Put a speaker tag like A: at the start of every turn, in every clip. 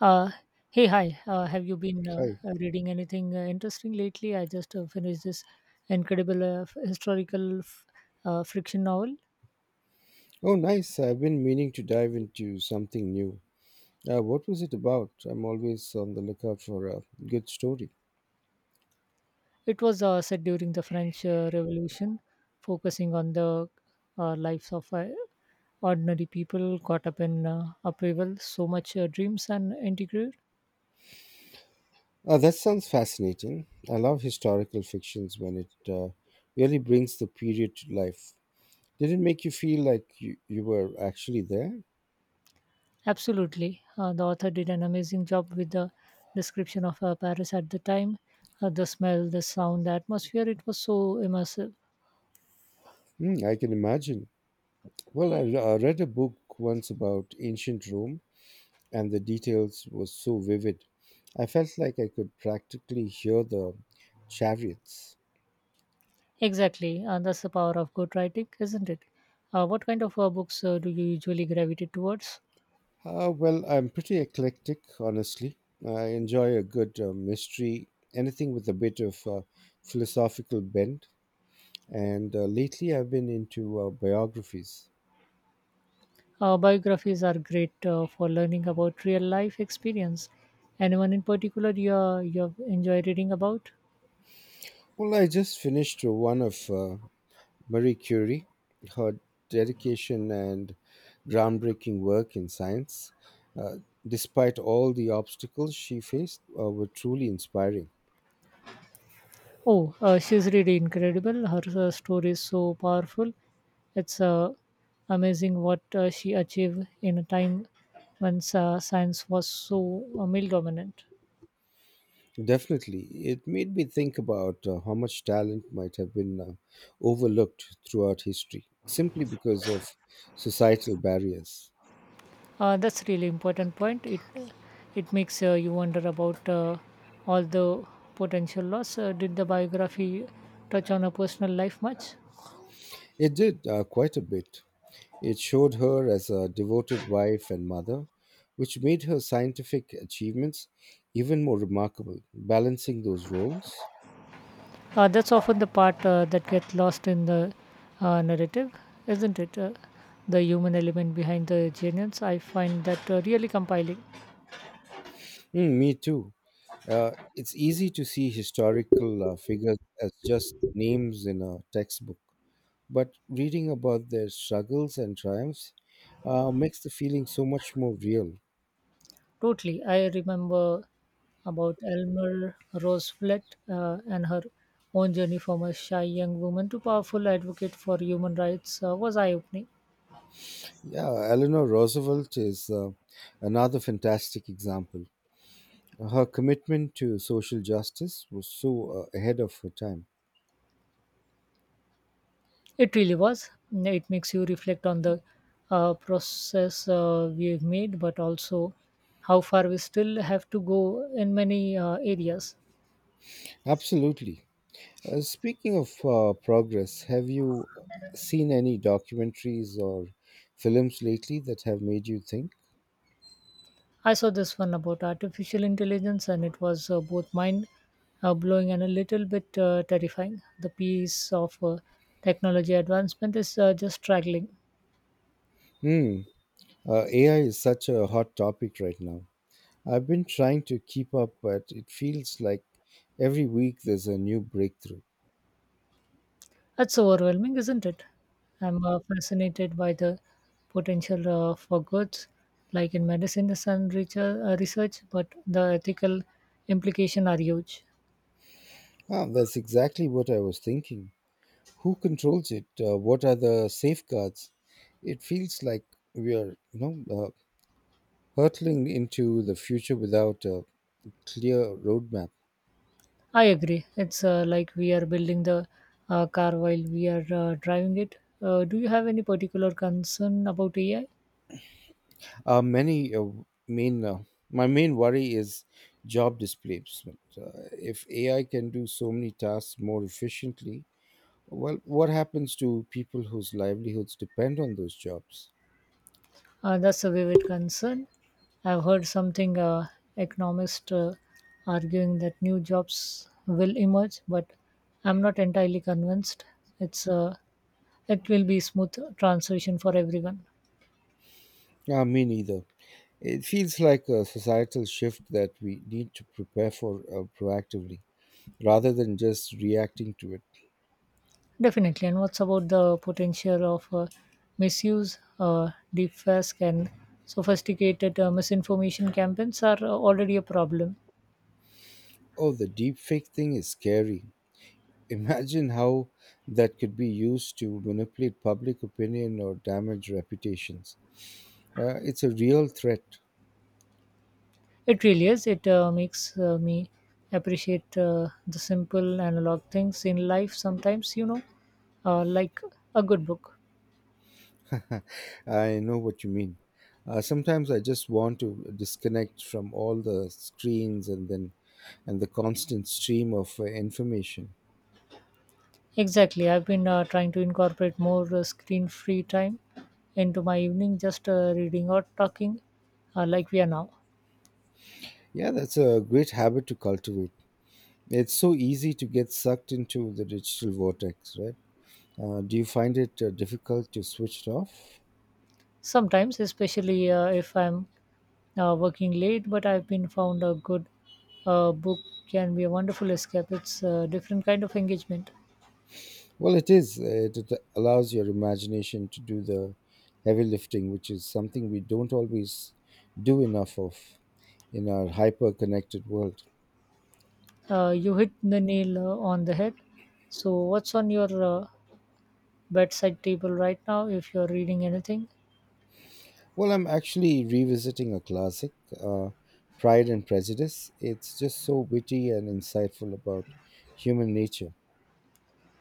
A: Uh, Hey, hi. Have you been
B: Hi.
A: reading anything interesting lately? I just finished this incredible fiction novel.
B: Oh, nice. I've been meaning to dive into something new. What was it about? I'm always on the lookout for a good story.
A: It was set during the French Revolution, focusing on the lives of ordinary people caught up in upheaval, so much dreams and integrity.
B: That sounds fascinating. I love historical fictions when it really brings the period to life. Did it make you feel like you were actually there?
A: Absolutely. The author did an amazing job with the description of Paris at the time, the smell, the sound, the atmosphere. It was so immersive.
B: I can imagine. Well, I read a book once about ancient Rome, and the details was so vivid. I felt like I could practically hear the chariots.
A: Exactly, and that's the power of good writing, isn't it? What kind of books do you usually gravitate towards?
B: Well, I'm pretty eclectic, honestly. I enjoy a good mystery, anything with a bit of philosophical bent. And lately, I've been into biographies.
A: Biographies are great for learning about real life experience. Anyone in particular you have enjoy reading about?
B: Well, I just finished one of Marie Curie, her dedication and groundbreaking work in science. Uh, despite all the obstacles she faced, were truly inspiring.
A: Oh, she's really incredible. Her story is so powerful. It's amazing what she achieved in a time when science was so male dominant.
B: Definitely. It made me think about how much talent might have been overlooked throughout history simply because of societal barriers.
A: That's really important point. It makes you wonder about all the potential loss. Did the biography touch on her personal life much?
B: It did quite a bit. It showed her as a devoted wife and mother, which made her scientific achievements even more remarkable, balancing those roles.
A: That's often the part that gets lost in the narrative, isn't it? The human element behind the genius. I find that really compiling.
B: Mm, me too. It's easy to see historical figures as just names in a textbook, but reading about their struggles and triumphs makes the feeling so much more real.
A: Totally. I remember about Elmer Roosevelt and her own journey from a shy young woman to powerful advocate for human rights was eye-opening.
B: Yeah, Eleanor Roosevelt is another fantastic example. Her commitment to social justice was so ahead of her time.
A: It really was. It makes you reflect on the process we've made, but also how far we still have to go in many areas.
B: Absolutely. Speaking of progress, have you seen any documentaries or films lately that have made you think?
A: I saw this one about artificial intelligence, and it was both mind blowing and a little bit terrifying. The piece of technology advancement is just straggling.
B: Hmm. AI is such a hot topic right now. I've been trying to keep up, but it feels like every week there's a new breakthrough.
A: That's overwhelming, isn't it? I'm fascinated by the potential for goods, like in medicine and research, but the ethical implication are huge.
B: Ah, that's exactly what I was thinking. Who controls it? What are the safeguards? It feels like we are, know, uh, hurtling into the future without a clear roadmap.
A: I agree. It's like we are building the car while we are driving it. Do you have any particular concern about AI?
B: Many main my main worry is job displacement. If AI can do so many tasks more efficiently, well, what happens to people whose livelihoods depend on those jobs?
A: That's a vivid concern. I've heard something economists arguing that new jobs will emerge, but I'm not entirely convinced. It's it will be smooth transition for everyone,
B: Ah, me neither. It feels like a societal shift that we need to prepare for proactively rather than just reacting to it.
A: definitely. And what's about the potential of misuse, deepfake, and sophisticated misinformation campaigns are already a problem.
B: Oh, the deepfake thing is scary. Imagine how that could be used to manipulate public opinion or damage reputations. It's a real threat.
A: It really is. It makes me appreciate the simple analog things in life sometimes, you know, like a good book.
B: I know what you mean. Sometimes I just want to disconnect from all the screens and the constant stream of information.
A: Exactly. I've been trying to incorporate more screen free time into my evening, just reading or talking like we are now.
B: Yeah, that's a great habit to cultivate. It's so easy to get sucked into the digital vortex, right? Do you find it difficult to switch it off?
A: Sometimes, especially if I'm working late, but I've been found a good book can be a wonderful escape. It's a different kind of engagement.
B: Well, it is. It allows your imagination to do the heavy lifting, which is something we don't always do enough of in our hyper connected world.
A: You hit the nail on the head. So, what's on your bedside table right now if you're reading anything?
B: Well, I'm actually revisiting a classic, uh, Pride and Prejudice. It's just so witty and insightful about human nature.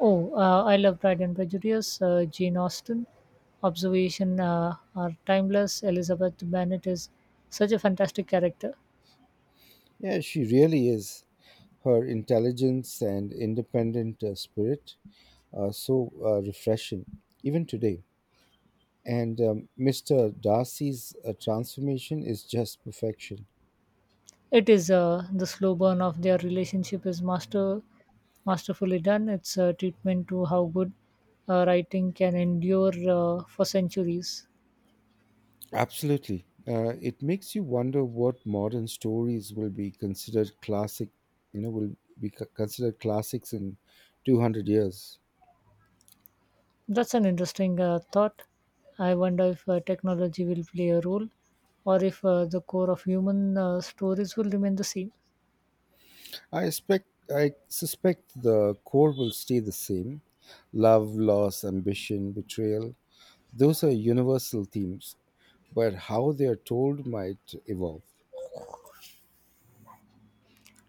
A: Oh, I love Pride and Prejudice, Jane Austen. Observation are timeless. Elizabeth Bennet is such a fantastic character.
B: Yeah, she really is. Her intelligence and independent spirit are so refreshing, even today. And Mr. Darcy's transformation is just perfection.
A: It is the slow burn of their relationship is masterfully done. It's a treatment to how good writing can endure for centuries.
B: Absolutely. It makes you wonder what modern stories will be considered classic, you know, considered classics in 200 years.
A: That's an interesting thought. I wonder if technology will play a role or if the core of human stories will remain the same.
B: I expect I suspect the core will stay the same. Love, loss, ambition, betrayal. Those are universal themes, but how they are told might evolve.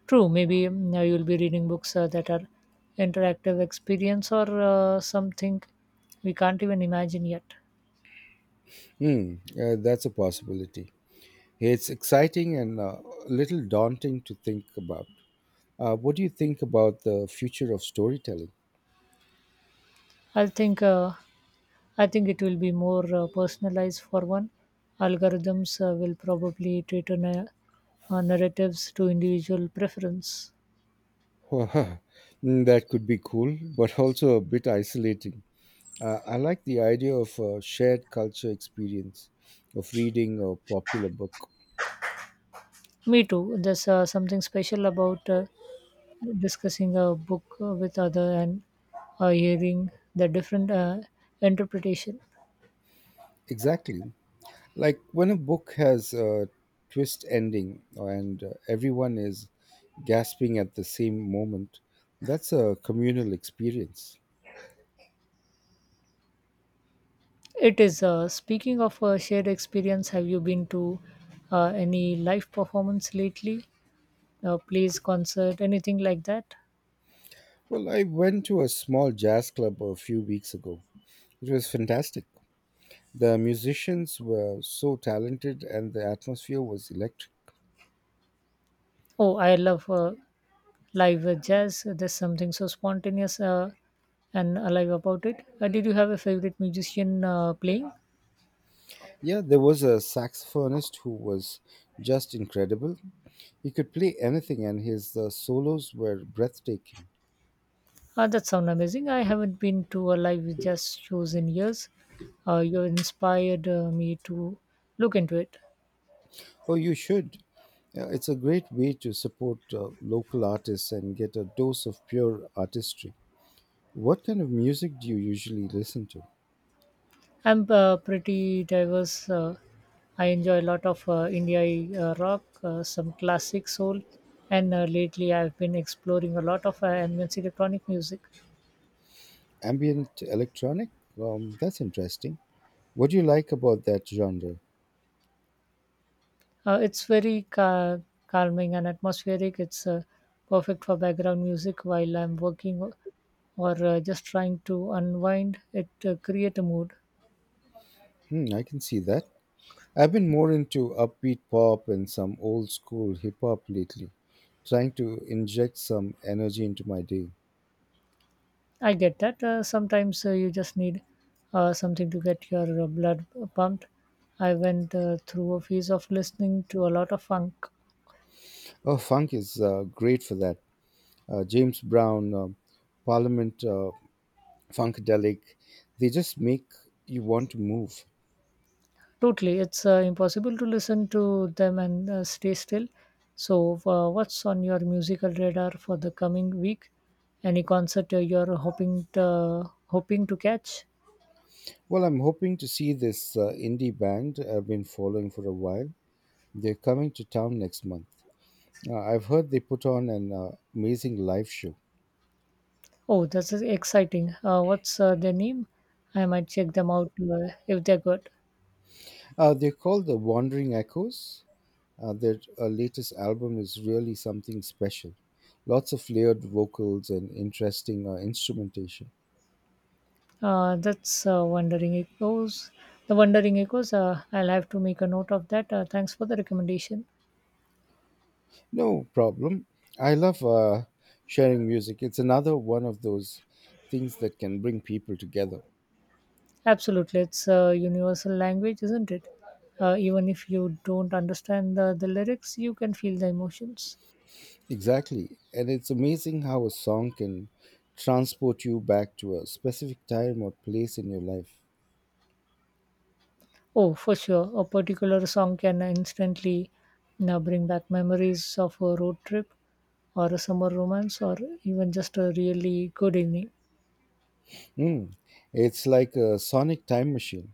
A: True, maybe you'll be reading books that are interactive experience or something we can't even imagine yet.
B: Hmm, that's a possibility. It's exciting and a little daunting to think about. What do you think about the future of storytelling?
A: i think uh, I think it will be more personalized for one. Algorithms will probably cater narratives to individual preference.
B: Mm, that could be cool, but also a bit isolating. I like the idea of a shared culture experience of reading a popular book.
A: Me too. There's something special about discussing a book with other and hearing the different interpretation
B: Exactly. Like when a book has a twist ending and everyone is gasping at the same moment, that's a communal experience.
A: it is speaking of a shared experience have you been to any live performance lately plays concert anything like that
B: Well, I went to a small jazz club a few weeks ago. It was fantastic. The musicians were so talented and the atmosphere was electric.
A: oh I love live jazz there's something so spontaneous and alive about it did you have a favorite musician playing
B: Yeah, there was a saxophonist who was just incredible. He could play anything and his solos were breathtaking.
A: That sounds amazing. I haven't been to a live jazz shows in years. You inspired me to look into it.
B: Oh, you should. Yeah, it's a great way to support local artists and get a dose of pure artistry. What kind of music do you usually listen to?
A: I'm pretty diverse. I enjoy a lot of indie rock, some classic soul, and lately I've been exploring a lot of ambient electronic music.
B: Ambient electronic? That's interesting. What do you like about that genre?
A: It's very calming and atmospheric. It's perfect for background music while I'm working or just trying to unwind. It create a mood.
B: Hmm, I can see that. I've been more into upbeat pop and some old school hip hop lately, trying to inject some energy into my day.
A: I get that. Sometimes you just need something to get your blood pumped. I went through a phase of listening to a lot of funk.
B: Oh, funk is great for that. James Brown, Parliament, Funkadelic, they just make you want to move.
A: Totally, it's impossible to listen to them and stay still. So, what's on your musical radar for the coming week? Any concert you're hoping to catch?
B: Well, I'm hoping to see this indie band I've been following for a while. They're coming to town next month. I've heard they put on an amazing live show.
A: Oh, that's exciting. What's their name? I might check them out if they're good.
B: They're called the Wandering Echoes. Their latest album is really something special. Lots of layered vocals and interesting instrumentation.
A: That's Wandering Echoes. The Wandering Echoes. I'll have to make a note of that. Thanks for the recommendation.
B: No problem. I love sharing music. It's another one of those things that can bring people together.
A: Absolutely, it's a universal language, isn't it? Even if you don't understand the lyrics, you can feel the emotions.
B: Exactly. And it's amazing how a song can transport you back to a specific time or place in your life.
A: Oh, for sure. A particular song can instantly now bring back memories of a road trip or a summer romance or even just a really good evening.
B: Mm. It's like a sonic time machine.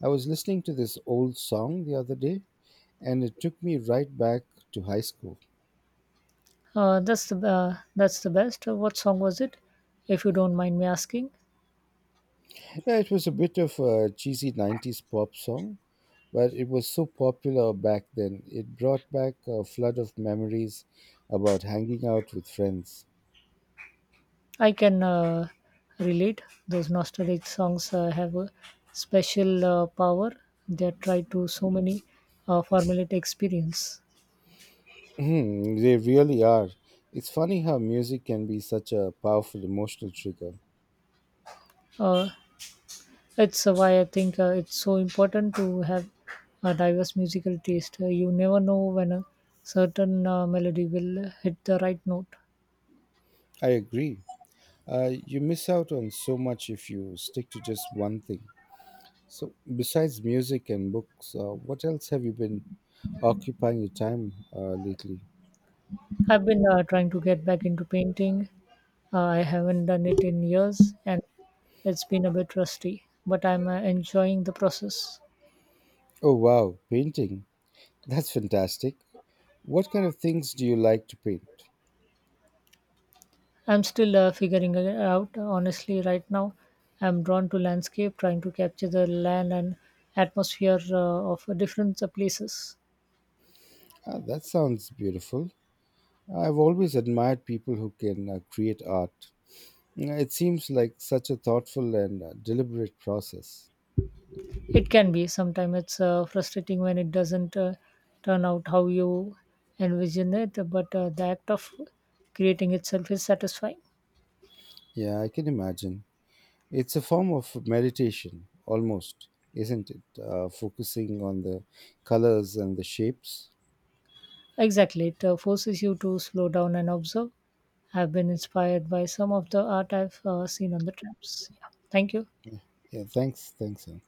B: I was listening to this old song the other day and it took me right back to high school.
A: That's the best. What song was it? If you don't mind me asking.
B: Yeah, it was a bit of a cheesy 90s pop song, but it was so popular back then. It brought back a flood of memories about hanging out with friends.
A: I can relate. Those nostalgic songs have a special power. They are tied to so many formulate experience.
B: Mhm, they really are. It's funny how music can be such a powerful emotional trigger.
A: Uh, it's Why I think it's so important to have a diverse musical taste. You never know when a certain melody will hit the right note.
B: I agree. You miss out on so much if you stick to just one thing. So, besides music and books, what else have you been occupying your time lately?
A: I've been trying to get back into painting. I haven't done it in years, and it's been a bit rusty, but I'm enjoying the process.
B: Oh, wow, painting. That's fantastic. What kind of things do you like to paint?
A: I'm still figuring it out. Honestly, right now, I'm drawn to landscape, trying to capture the land and atmosphere of different places.
B: Ah, that sounds beautiful. I've always admired people who can create art. Mm, it seems like such a thoughtful and deliberate process.
A: It can be sometimes it's frustrating when it doesn't turn out how you envision it, but the act of creating itself is satisfying.
B: Yeah, I can imagine. It's a form of meditation, almost, isn't it? Focusing on the colors and the shapes.
A: Exactly, it forces you to slow down and observe. I've been inspired by some of the art I've seen on the traps. Yeah. Thank you.
B: Yeah, thanks, Ann.